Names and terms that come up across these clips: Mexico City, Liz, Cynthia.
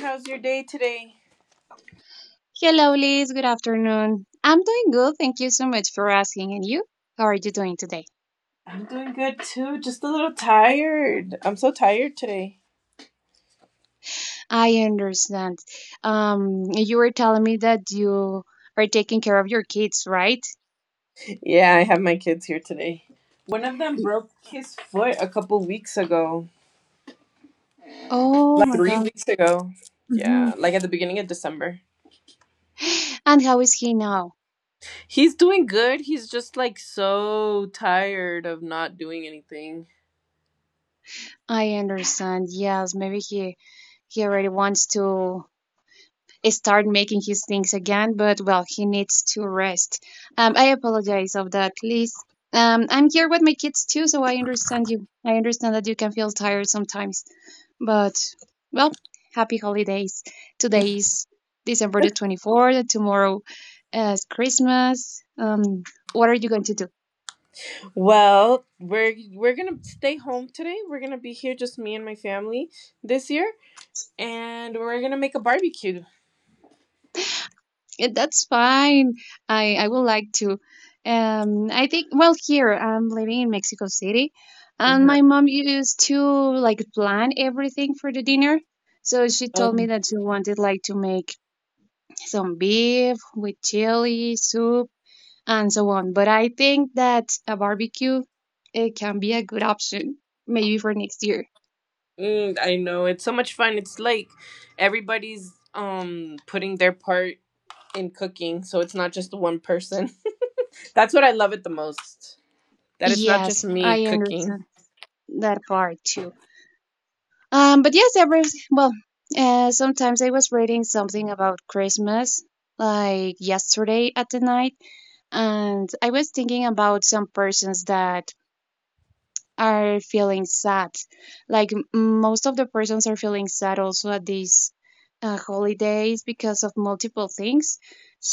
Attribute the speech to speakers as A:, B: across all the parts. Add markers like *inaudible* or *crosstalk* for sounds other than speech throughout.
A: How's your day today?
B: Hello, Liz. Good afternoon. I'm doing good. Thank you so much for asking. And you? How are you doing today?
A: I'm doing good too. Just a little tired. I'm so tired today.
B: I understand. You were telling me that you are taking care of your kids, right?
A: Yeah, I have my kids here today. One of them
B: Y-
A: broke his foot a couple weeks ago,
B: Oh
A: like
B: my
A: three
B: God.
A: weeks ago.
B: hmm
A: Yeah, like at the beginning of December.
B: And how is he now?
A: He's doing good. He's just like so tired of not doing anything.
B: I understand. Yes, maybe he already wants to start making his things again, but well, he needs to rest. I apologize of that, please. I'm here with my kids too, so I understand you. I understand that you can feel tired sometimes, but well, happy holidays. Today is December the 24th, and tomorrow is Christmas. What are you going to do?
A: Well, we're gonna stay home today. We're gonna be here, just me and my family this year, and we're gonna make a barbecue.
B: Yeah, that's fine. I would like to. I think, well, here I'm living in Mexico City, and
A: Uh-huh.
B: my mom used to like plan everything for the dinner. So she told me
A: Um,
B: that she wanted like to make some beef with chili soup and so on. But I think that a barbecue, it can be a good option maybe for next year.
A: I know it's so much fun. It's like everybody's putting their part in cooking, so it's not just one person. *laughs* That's what I love it the most. That it's not just
B: Yes,
A: me
B: I
A: cooking.
B: understand that part too. But yes, well, sometimes I was reading something about Christmas, like yesterday at the night, and I was thinking about some persons that are feeling sad. Like most of the persons are feeling sad also at these holidays because of multiple things.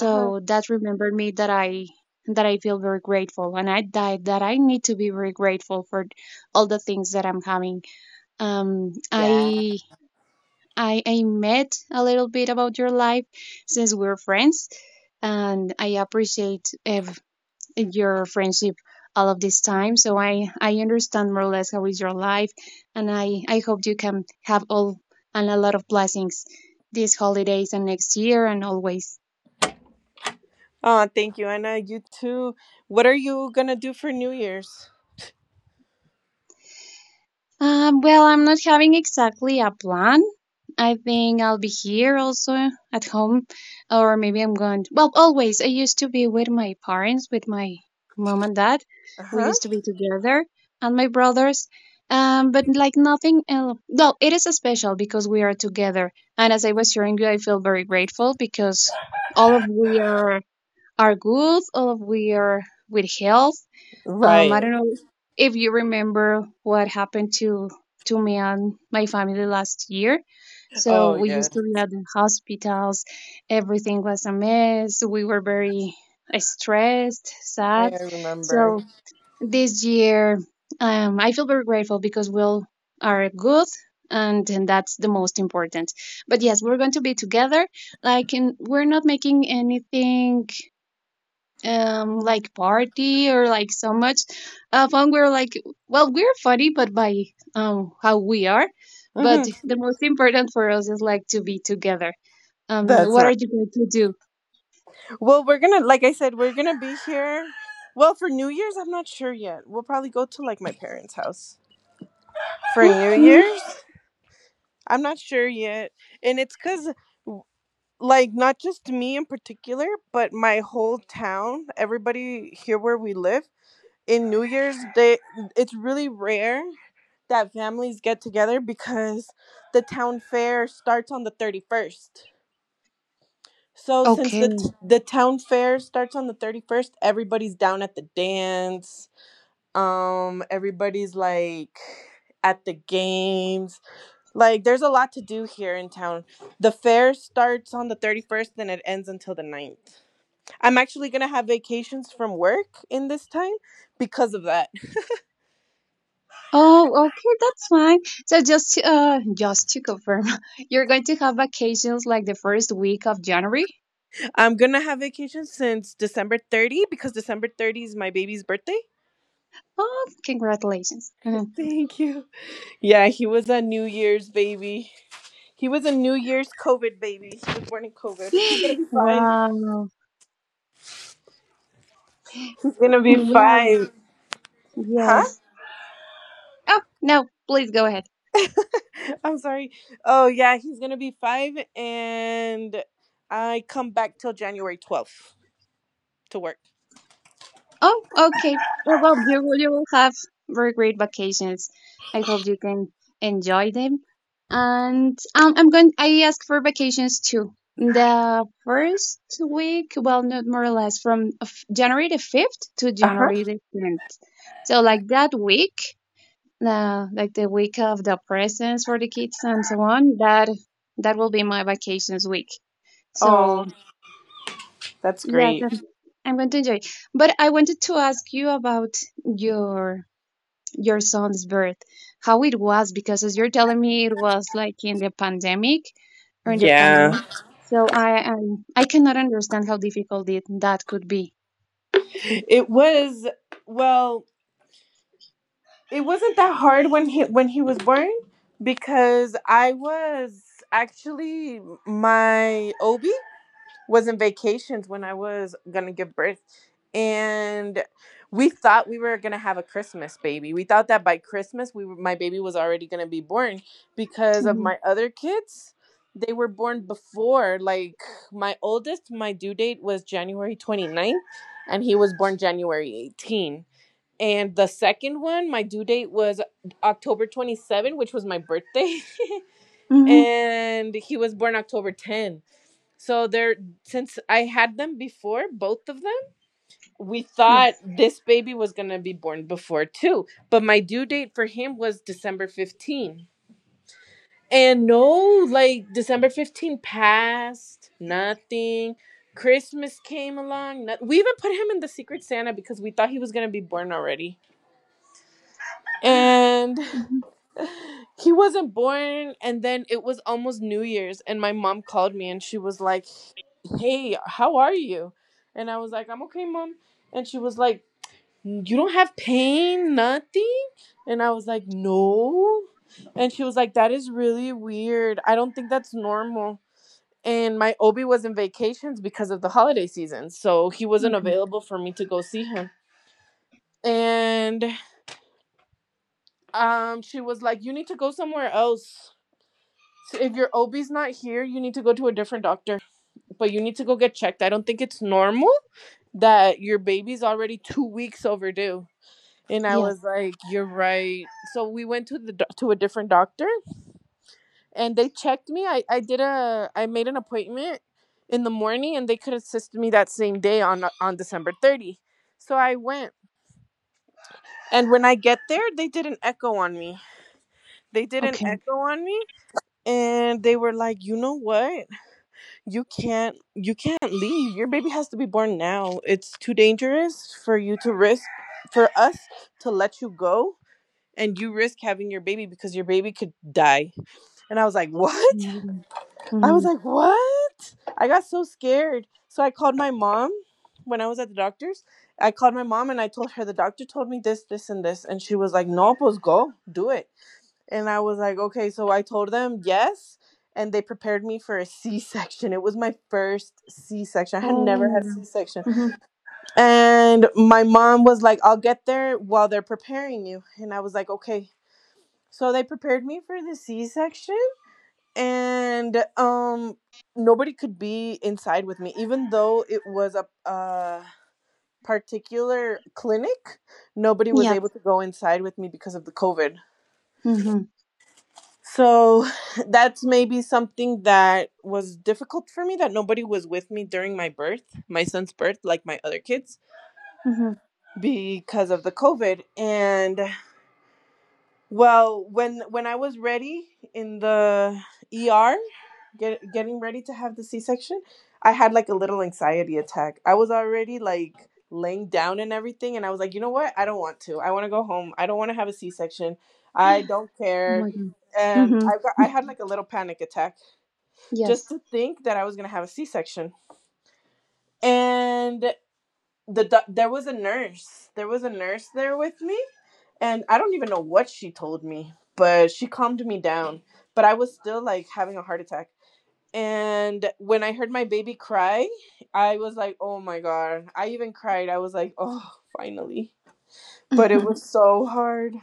A: Uh-huh.
B: that remembered me that I feel very grateful, and I that I need to be very grateful for all the things that I'm having. Um,
A: Yeah.
B: I I met a little bit about your life since we're friends, and I appreciate your friendship all of this time. So I understand more or less how is your life, and I hope you can have all and a lot of blessings these holidays and next year and always.
A: Oh, thank you, Anna. You too. What are you gonna do for New Year's?
B: Well, I'm not having exactly a plan. I think I'll be here also at home, or maybe I'm going. Well, always. I used to be with my parents, with my mom and dad. We
A: Uh-huh.
B: used to be together, and my brothers. But like nothing else. Well, it is special because we are together. And as I was sharing you, I feel very grateful because all of we are good. All of we are with health. I
A: Right.
B: don't know if you remember what happened to me and my family last year. So
A: Oh
B: we
A: yes.
B: used to be at the hospitals. Everything was a mess. We were very stressed,
A: I,
B: sad.
A: I remember.
B: So this year, I feel very grateful because we all are good, and that's the most important. But yes, we're going to be together. Like, we're not making anything like party or like so much fun. We're like, well, we're funny but by how we are, but
A: Mm-hmm.
B: the most important for us is like to be together.
A: That's
B: What are
A: right.
B: you going to do?
A: Well, we're gonna, like I said, we're gonna be here. Well, for New Year's, I'm not sure yet. We'll probably go to like my parents' house for
B: Hmm?
A: New
B: Hmm?
A: Year's. I'm not sure yet, and it's cause like not just me in particular, but my whole town, everybody here where we live in New Year's, they it's really rare that families get together because the town fair starts on the 31st. So since the
B: Okay.
A: t- the town fair starts on the 31st, everybody's down at the dance. Everybody's like at the games. Like there's a lot to do here in town. The fair starts on the 31st and it ends until the ninth. I'm actually going to have vacations from work in this time because of that.
B: Oh, okay, that's fine. So, just to confirm, *laughs* you're going to have vacations like the first week of January.
A: *laughs* I'm going to have vacations since December 30 because December 30 is my baby's birthday.
B: Oh, congratulations. Mhm.
A: Thank you. Yeah, he was a New Year's baby. He was a New Year's COVID baby. He was born in COVID. He's gonna
B: *gasps*
A: be
B: *laughs*
A: five.
B: Wow,
A: He's gonna be
B: wow.
A: five. Huh?
B: Yes. Oh, no, please go ahead.
A: I'm sorry. Oh yeah, he's gonna be five, and I come back till January 12th to work.
B: Oh, okay. Yeah, well, you will have very great vacations. I hope you can enjoy them. And I'm going. I ask for vacations too. The first week, well, not more or less, from January the fifth to
A: Uh huh.
B: January the tenth. So, like that week, like the week of the presents for the kids and so on. That will be my vacations week.
A: Oh,
B: So,
A: that's
B: yes,
A: great.
B: I'm going to enjoy. But I wanted to ask you about your your son's birth, how it was, because as you're telling me, it was like in the pandemic or in the
A: Yeah,
B: pandemic. So I cannot understand how difficult it, that could be.
A: it was. Well, it wasn't that hard when he was born because I was actually my OB was in vacations when I was gonna give birth, and we thought we were gonna have a Christmas baby. We thought that by Christmas, my baby was already gonna be born because of
B: Hmm.
A: my other kids. They were born before, like my oldest, my due date was January twenty ninth, and he was born January 18. And the second one, my due date was October 27, which was my birthday, *laughs*
B: Hmm.
A: and he was born October 10. So they're since I had them before, both of them, we thought
B: Yes.
A: this baby was gonna be born before too. But my due date for him was December 15. And no, like December 15 passed, nothing. Christmas came along. No- We even put him in the Secret Santa because we thought he was gonna be born already. And
B: Mm-hmm.
A: *laughs* he wasn't born, and then it was almost New Year's, and my mom called me, and she was like, "Hey, how are you?" And I was like, "I'm okay, mom." And she was like, "You don't have pain, nothing?" And I was like, "No." And she was like, "That is really weird. I don't think that's normal." And my obi was in vacations because of the holiday season, so he wasn't
B: Mm.
A: available for me to go see him, and she was like, "You need to go somewhere else. So if your OB's not here, you need to go to a different doctor. But you need to go get checked. I don't think it's normal that your baby's already 2 weeks overdue." And I was
B: Yes.
A: like, "You're right." So we went to a different doctor, and they checked me. I did a I made an appointment in the morning, and they could assist me that same day on December 30. So I went, and when I get there, they did an echo on me. They did an
B: Okay.
A: echo on me, and they were like, "You know what? You can't leave. Your baby has to be born now. It's too dangerous for you to risk, for us to let you go and you risk having your baby, because your baby could die." And I was like, "What?"
B: my
A: I was
B: Mm-hmm.
A: like, "What?" I got so scared, so I called my mom. When I was at the doctor's, I called my mom and I told her, "The doctor told me this, this, and this." And she was like, "No pues, go do it." And I was like, okay, so I told them yes, and they prepared me for a C section. It was my first C section. I had
B: Oh
A: never
B: my
A: had
B: god.
A: C section.
B: Mm-hmm.
A: And my mom was like, "I'll get there while they're preparing you." And I was like, okay. So they prepared me for the C section, and nobody could be inside with me, even though it was a particular clinic. Nobody was able
B: Yes.
A: to go inside with me because of the COVID.
B: Mm-hmm.
A: So *sighs* that's maybe something that was difficult for me, that nobody was with me during my birth, my son's birth, like my other kids,
B: Mm-hmm. Oh
A: because of the COVID. And well, when I was ready in the ER, getting ready to have the C-section, I had like a little anxiety attack. I was already like laying down and everything, and I was like, "You know what? I don't want to. I want to go home. I don't want to have a C-section. I don't care."
B: my god.
A: And
B: Mm-hmm.
A: I had like a little panic attack just
B: Yes.
A: to think that I was gonna have a C-section. And there was a nurse. There was a nurse there with me, and I don't even know what she told me, but she calmed me down. But I was still like having a heart attack. And when I heard my baby cry, I was like, "Oh my god!" I even cried. I was like, "Oh, finally." But it was
B: *laughs*
A: so hard.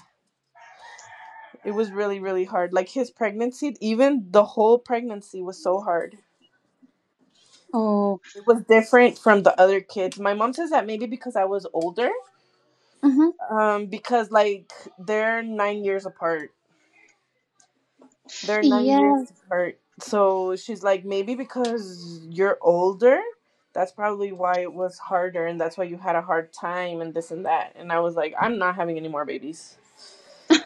A: It was really, really hard. Like his pregnancy, even the whole pregnancy was so hard.
B: Oh.
A: It was different from the other kids. My mom says that maybe because I was older.
B: Mm-hmm.
A: Because like they're 9 years apart. They're 9 years
B: Yes.
A: apart. So she's like, maybe because you're older, that's probably why it was harder, and that's why you had a hard time and this and that. And I was like, "I'm not having any more babies."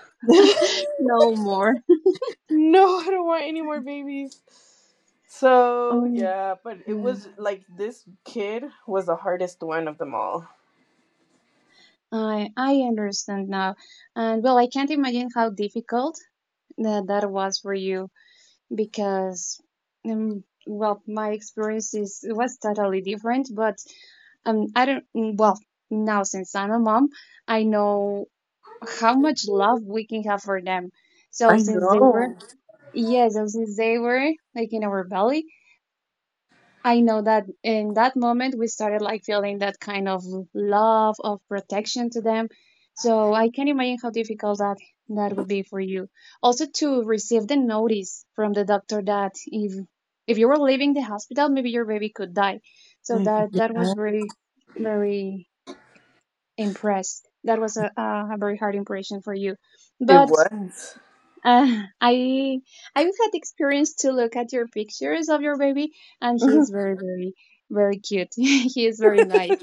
A: *laughs* No,
B: *laughs* No more.
A: I don't want any more babies. So
B: Oh,
A: yeah, but it
B: yeah.
A: was like this kid was the hardest one of them all.
B: I understand now. And well, I can't imagine how difficult that was for you, because well, my experience is was totally different, but I don't well, now since I'm a mom, I know how much love we can have for them. So
A: I
B: since they were,
A: know.
B: yeah, so since they were like in our belly, I know that in that moment we started like feeling that kind of love of protection to them. So I can imagine how difficult that would be for you. Also to receive the notice from the doctor that if you were leaving the hospital, maybe your baby could die. So that was very very impressed. That was a very hard impression for you.
A: It
B: But
A: was.
B: Uh, I I've had experience to look at your pictures of your baby, and he's
A: *laughs*
B: very very very cute. *laughs* He is very nice.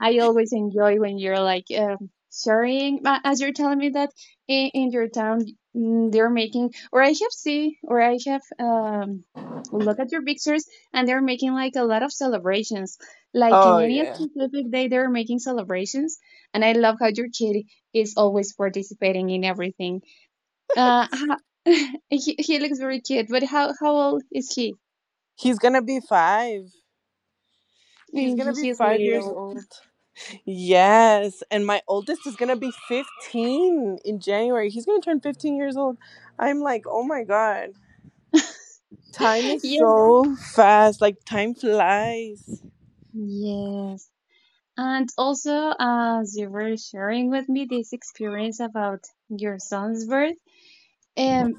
B: I always enjoy when you're like sharing as you're telling me that in your town they're making, or I have see, or I have look at your pictures, and they're making like a lot of celebrations. Like in
A: Oh
B: any
A: yeah.
B: specific day they're making celebrations, and I love how your kid is always participating in everything uh, ho- *laughs* he looks very cute, but how old is he? *laughs*
A: He's gonna be five. He's
B: Mm.
A: gonna be
B: He's
A: 5 years
B: little.
A: old. Yes. And my oldest is gonna be 15 in January. He's gonna turn 15 years old. I'm like, oh my god. Time
B: *laughs*
A: is
B: Yes.
A: so fast. Like time flies.
B: Yes. And also, as you were sharing with me this experience about your son's birth, um,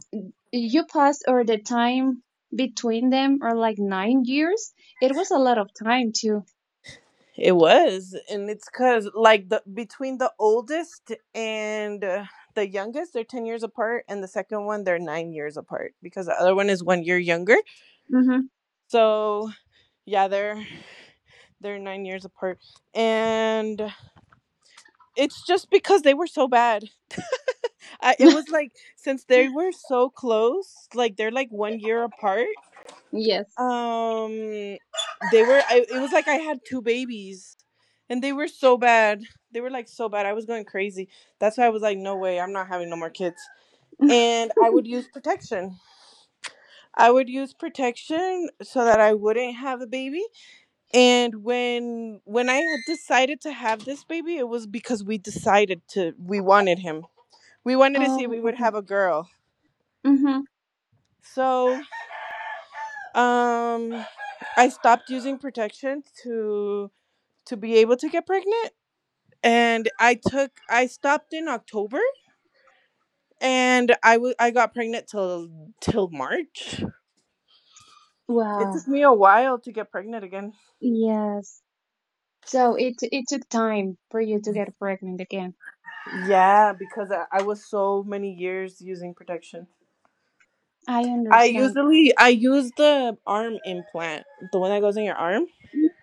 B: you passed or the time between them are like 9 years. It was a lot of time too.
A: It was. And it's cause like the between the oldest and the youngest, they're 10 years apart, and the second one they're 9 years apart because the other one is 1 year younger.
B: Mm-hmm.
A: So yeah, they're 9 years apart, and it's just because they were so bad. It was like since they were so close, like they're like 1 year apart.
B: *laughs* Yes.
A: Um, they were. It was like I had two babies, and they were so bad. They were like so bad. I was going crazy. That's why I was like, no way, I'm not having no more kids.
B: *laughs*
A: And I would use protection. I would use protection so that I wouldn't have a baby. And when I had decided to have this baby, it was because we decided to we wanted him. We wanted to see if
B: Oh,
A: we would
B: okay.
A: have a girl,
B: Mm-hmm.
A: so um I stopped using protection to be able to get pregnant, and I stopped in October, and I got pregnant till March. It
B: Wow.
A: took me a while to get pregnant again,
B: Yes. So it took time for you to get pregnant again.
A: yeah, because I was so many years using protection.
B: I understand.
A: I use the arm implant, the one that goes in your arm.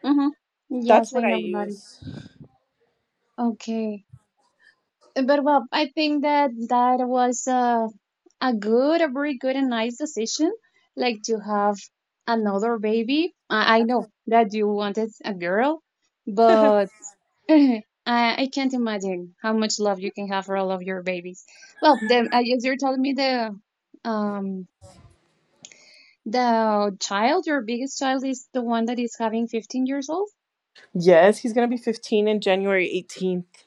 B: Mm-hmm.
A: That's
B: Yes, I
A: what I
B: know about it.
A: use.
B: Okay. But well, I think that that was a good, a very good and nice decision, like to have another baby. I know that you wanted a girl, but
A: *laughs*
B: *laughs* *clears throat* I can't imagine how much love you can have for all of your babies. Well, then, I guess you're telling me the um child, your biggest child, is the one that is having 15 years old.
A: Yes, he's gonna be 15 in January 18th.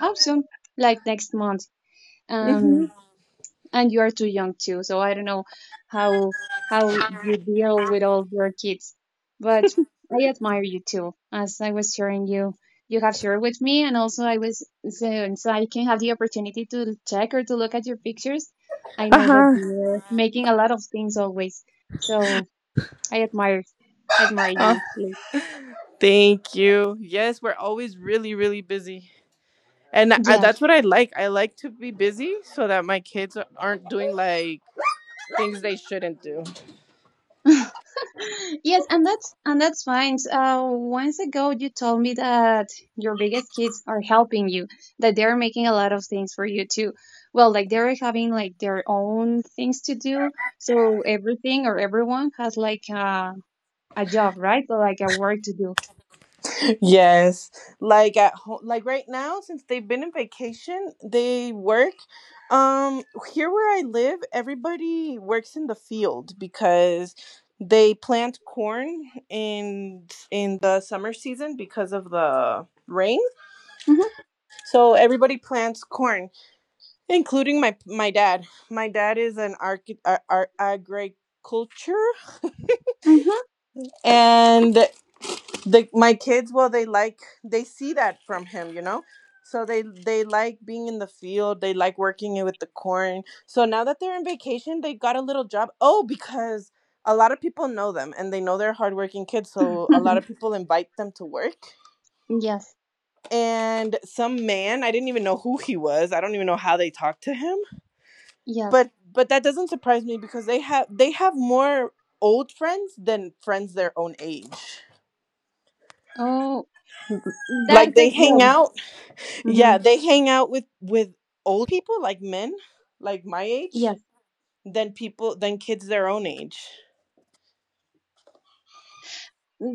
B: Oh, soon, like next month. um
A: Mm-hmm.
B: and you are too young too, so I don't know how how you deal with all your kids, but I admire you too. As I was sharing you, you have shared with me, and also I was so I can have the opportunity to check or to look at your pictures. I know that
A: Uh-huh.
B: you're making a lot of things always, so I admire you,
A: Oh,
B: Lee.
A: thank you. Yes, we're always really, really busy. And
B: Yeah,
A: that's what I like. I like to be busy so that my kids aren't doing like things they shouldn't do.
B: *laughs* yes, and that's fine. So, once ago, you told me that your biggest kids are helping you, that they're making a lot of things for you too. Well, like they're having like their own things to do, so everything or everyone has like a job, right? Or like a work to do.
A: Yes, like at home, like right now, since they've been in vacation, they work. Um, Here where I live, everybody works in the field because they plant corn in the summer season because of the rain.
B: Mm-hmm,
A: So everybody plants corn, including my dad. My dad is an agriculture, and the my kids, well, they see that from him, so they like being in the field. They like working it with the corn. So now that they're in vacation, they got a little job. Oh, because a lot of people know them and they know they're hardworking kids, so a lot
B: mm-hmm.
A: of
B: *laughs*
A: people invite them to work.
B: Yes,
A: And some man, I didn't even know who he was, I don't even know how they talked to him,
B: yes.
A: but that doesn't surprise me because they have more old friends than friends their own age.
B: Oh, that
A: Like they
B: could.
A: hang
B: Well,
A: out. Yeah,
B: mm-hmm.
A: they hang out with older people, like men, like my age,
B: Yes.
A: than kids their own age.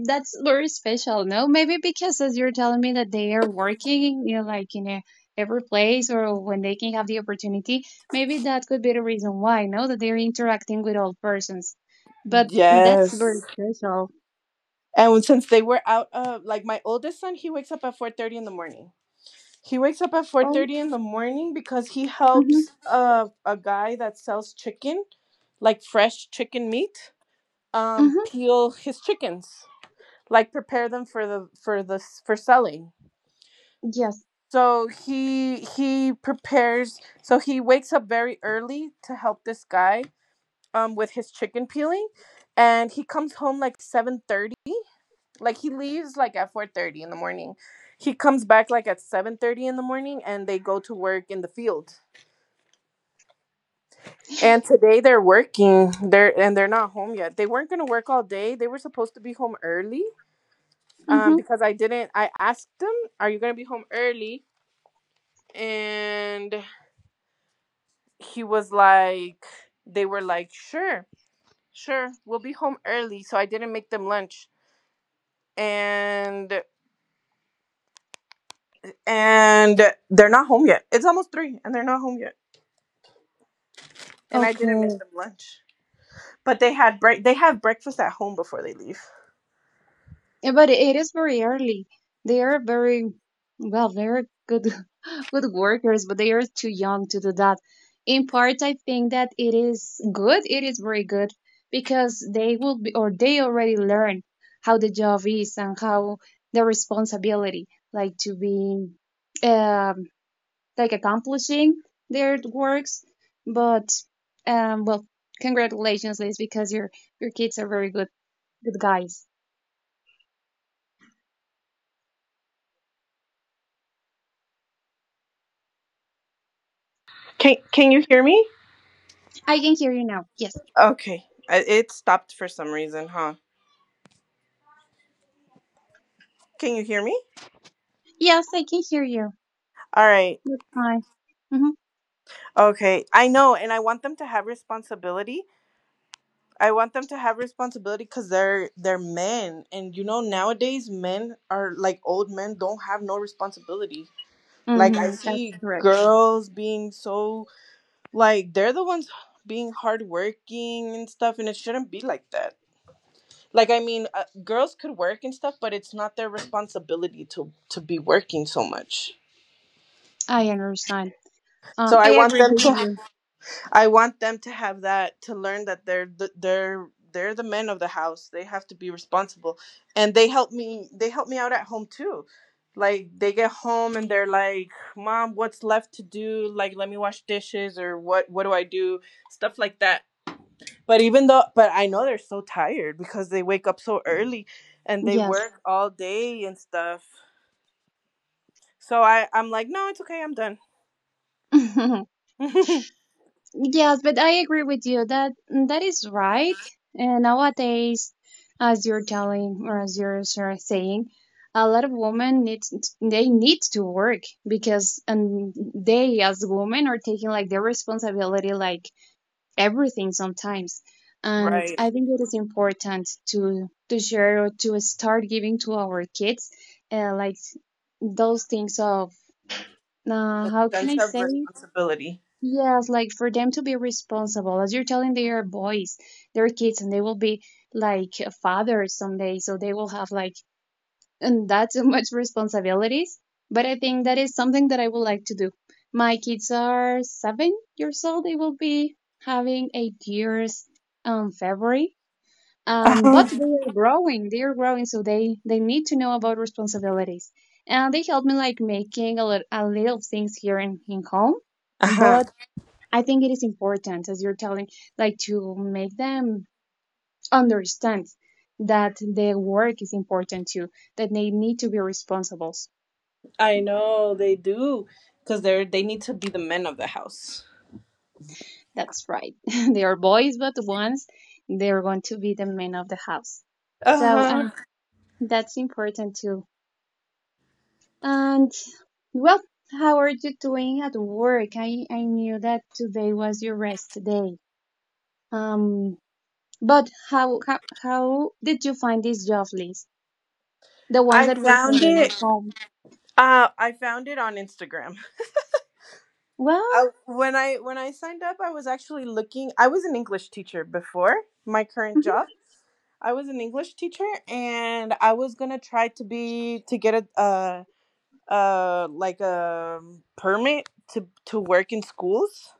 B: That's very special, no? Maybe because as you're telling me that they are working, like in every place, or when they can have the opportunity, maybe that could be the reason why, no? That they're interacting with all persons. But that's very
A: Yes.
B: special.
A: And since they were out of, like, my oldest son, he wakes up at 4:30 in the morning. He wakes up at
B: Oh,
A: 4:30 in the morning because he
B: mm-hmm,
A: helps a guy that sells chicken, like fresh chicken meat,
B: mm-hmm,
A: peel his chickens, like prepare them for the for the for selling.
B: yes,
A: So he prepares. So he wakes up very early to help this guy with his chicken peeling, and he comes home like 7:30. Like he leaves like at 4:30 in the morning. He comes back like at 7:30 in the morning, and they go to work in the field. And today they're working. They're not home yet. They weren't gonna work all day. They were supposed to be home early.
B: mm-hmm,
A: Because I didn't. I asked them, "Are you gonna be home early?" And he was like they were like, "Sure, sure, we'll be home early." So I didn't make them lunch, and and they're not home yet. It's almost three and they're not home yet, and I didn't make
B: okay.
A: them lunch, but they have breakfast at home before they leave.
B: Yeah, but it is very early. They are very, well, they're good, *laughs* good workers, but they are too young to do that. In part, I think that it is good. It is very good because they will be, or they already learn how the job is and how the responsibility, like to be, um, like accomplishing their works. But, well, congratulations, Liz, because your kids are very good, good guys.
A: Can you hear me?
B: I can hear you now. Yes.
A: Okay, it stopped for some reason, huh? Can you hear me?
B: Yes, I can hear you.
A: All right.
B: That's fine. Hmm.
A: Okay, I know, and I want them to have responsibility. I want them to have responsibility because they're men, and nowadays men are, like, old men don't have no responsibility. Like I
B: Hmm. That's
A: see
B: correct.
A: girls being so, like, they're the ones being hardworking and stuff, and it shouldn't be like that. Like I mean, girls could work and stuff, but it's not their responsibility to be working so much.
B: I understand.
A: So I
B: I
A: want
B: agree
A: them
B: with
A: to
B: you.
A: I want them to have that, to learn that they're the men of the house. They have to be responsible. And they help me out at home too. Like they get home and they're like, "Mom, what's left to do? Like let me wash dishes, or what do I do?" Stuff like that. But even though, but I know they're so tired because they wake up so early and they
B: Yes.
A: work all day and stuff. So I'm like, "No, it's okay, I'm done."
B: *laughs*
A: *laughs*
B: Yes, but I agree with you that that is right. And nowadays, as you're telling, or as you're sort of saying, a lot of women need they need to work, because and they as women are taking like their responsibility, like everything sometimes. And
A: Right.
B: I think it is important to share, or to start giving to our kids, like those things of
A: The
B: how can
A: sense
B: I
A: of
B: say it?
A: responsibility.
B: Yes, like for them to be responsible. As you're telling, they are boys, they're kids, and they will be like a father someday. So they will have like, and that's too much responsibilities. But I think that is something that I would like to do. My kids are 7 years old. They will be having 8 years in February. But they
A: Uh-huh.
B: are growing. They are growing, so they need to know about responsibilities. And they help me like making a little things here in home.
A: Uh-huh.
B: But I think it is important, as you're telling, like to make them understand that their work is important too, that they need to be responsible.
A: I know they do because they need to be the men of the house.
B: That's right. *laughs* They are boys, but once they are going to be the men of the house. So,
A: Uh-huh.
B: and that's important too. And well, how are you doing at work? I knew that today was your rest day. Um, but how did you find this job list? The ones
A: I
B: that were
A: found
B: holding at
A: it
B: home.
A: I found it on Instagram.
B: Well,
A: I, when I when I signed up, I was an English teacher before my current
B: mhm,
A: job. I was an English teacher and I was going to try to get a permit to work in schools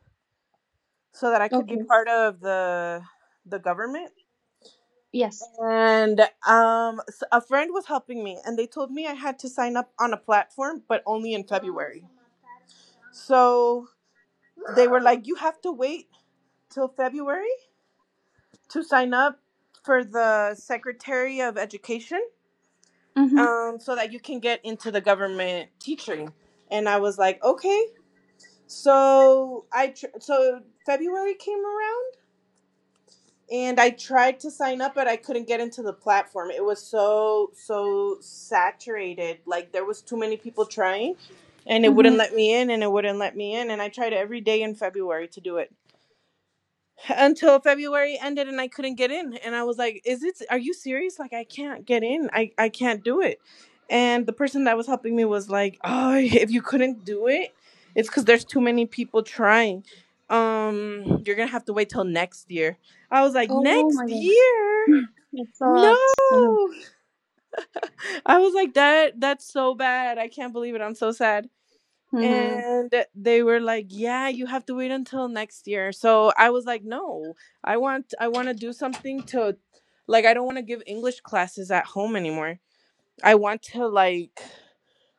A: so that I could be
B: okay,
A: part of the government.
B: yes.
A: And a friend was helping me, and they told me I had to sign up on a platform, but only in February. So they were like, "You have to wait till February to sign up for the Secretary of Education,
B: Mm-hmm,
A: so that you can get into the government teaching." And I was like, "Okay." So February came around and I tried to sign up, but I couldn't get into the platform. It was so so saturated. Like there was too many people trying, and it
B: mm-hmm.
A: wouldn't let me in, and it wouldn't let me in. And I tried every day in February to do it until February ended and I couldn't get in. And I was like, "Is it? Are you serious? Like, I can't get in. I can't do it." And the person that was helping me was like, "Oh, *laughs* if you couldn't do it, it's because there's too many people trying. You're gonna have to wait till next year." I was like,
B: Oh
A: "Next
B: my god.
A: year?
B: *gasps* It's a lot.
A: No!"
B: Uh-huh.
A: *laughs* I was like, "That's so bad. I can't believe it. I'm so sad."
B: Hmm.
A: And they were like, "Yeah, you have to wait until next year." So I was like, "No, I want to do something, to like, I don't want to give English classes at home anymore. I want to, like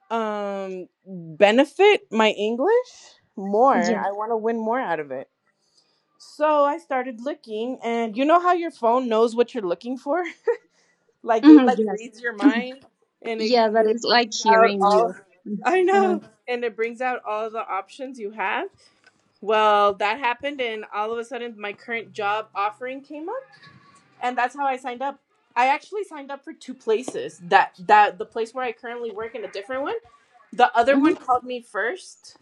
A: um benefit my English more.
B: Yeah.
A: I want to win more out of it." So I started looking, and you know how your phone knows what you're looking for. *laughs*
B: *laughs*
A: like it
B: Hmm.
A: like
B: Yes.
A: reads your mind, and it,
B: Yeah, that
A: it
B: is like
A: brings out
B: hearing
A: all.
B: you. Mm-hmm,
A: *laughs* I
B: uh-huh.
A: know, and it brings out all the options you have. Well, that happened, and all of a sudden, my current job offering came up, and that's how I signed up. I actually signed up for two places. That that the place where I currently work and a different one. The other
B: Hmm.
A: one called me first,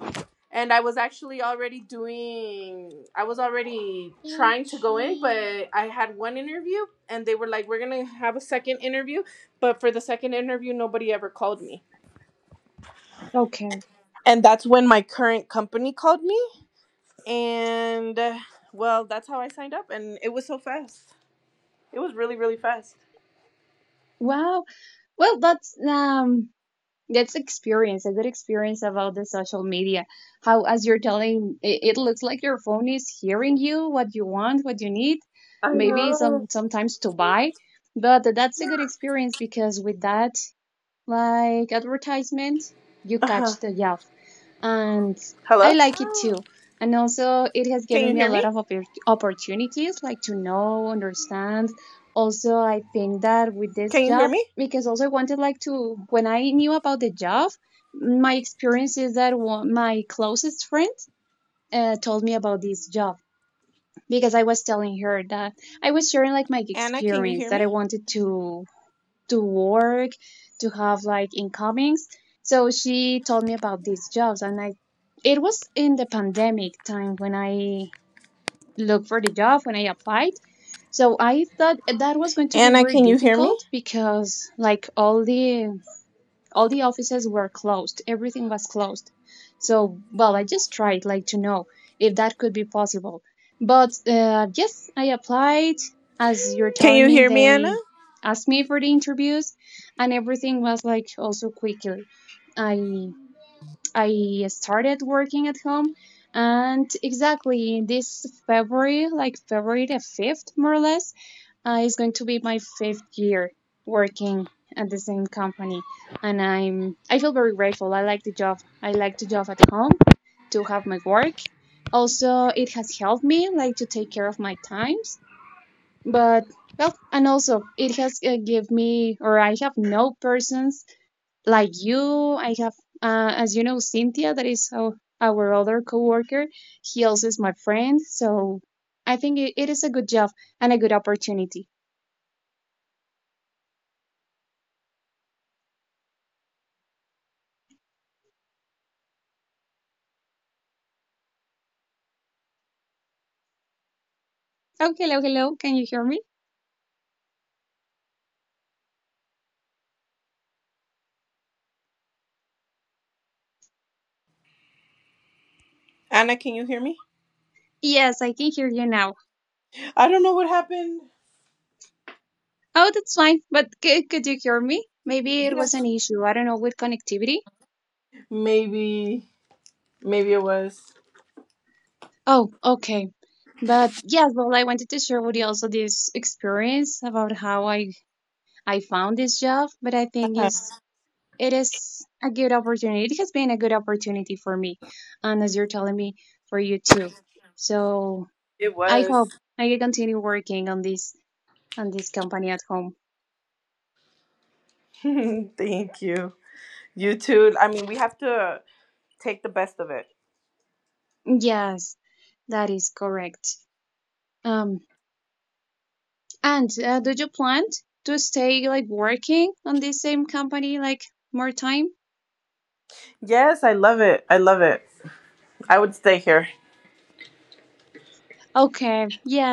A: and I was actually already doing. I was already trying to go in, but I had one interview, and they were like, "We're gonna have a second interview," but for the second interview, nobody ever called me,
B: Okay.
A: and that's when my current company called me. And well, that's how I signed up, and it was so fast. It was really, really fast.
B: Wow. Well, that's experience, a good experience about the social media. How as you're telling it, it looks like your phone is hearing you, what you want, what you need,
A: I
B: maybe
A: know.
B: sometimes to buy. But that's a good experience because with that like advertisement, you
A: Uh huh.
B: catch the yeah and
A: Hello?
B: I like it too. And also, it has
A: Can
B: given
A: you
B: me a
A: hear
B: lot
A: me?
B: of opportunities, like to know, understand. Also, I think that with this
A: Can you hear
B: job,
A: me?
B: because also I wanted like to, when I knew about the job, my experience is that one, my closest friend told me about this job because I was telling her that I was sharing like my
A: Anna, can you
B: experience
A: hear
B: that I
A: me?
B: wanted to work, to have like incomings. So she told me about these jobs, and I, it was in the pandemic time when I looked for the job when I applied. So I thought that was going to be
A: Anna,
B: very
A: can you hear me?
B: difficult because like all the offices were closed, everything was closed. So well, I just tried like to know if that could be possible but yes, I applied. As you're
A: Can
B: telling
A: you
B: me,
A: hear me, Anna?
B: they asked me for the interviews and everything was like also quickly. I i started working at home and exactly this February, like February the 5th more or less, it's going to be my fifth year working at the same company, and I feel very grateful. I like the job. I like the job at home, to have my work. Also, it has helped me like to take care of my times. But well, and also it has give me or I have no persons like you. I have as you know, Cynthia, that is our other coworker. He also is my friend, so I think it is a good job and a good opportunity. Oh, hello, hello. Can you hear me?
A: Anna, can you hear me?
B: Yes, I can hear you now.
A: I don't know what happened.
B: Oh, that's fine. But could you hear me? Maybe it
A: Yeah.
B: was an issue. I don't know with connectivity.
A: Maybe, maybe it was.
B: Oh, okay. But yes, well, I wanted to share with you also this experience about how I found this job. But I think
A: Uh-huh.
B: is it is a good opportunity. It has been a good opportunity for me, and as you're telling me, for you too. So
A: It
B: I hope
A: was.
B: I can continue working on this company at home.
A: *laughs* Thank you. You too. I mean, we have to take the best of it.
B: Yes, that is correct. Um, and do you plan to stay like working on this same company like more time?
A: Yes, I love it. I love it. I would stay here.
B: Okay, yeah,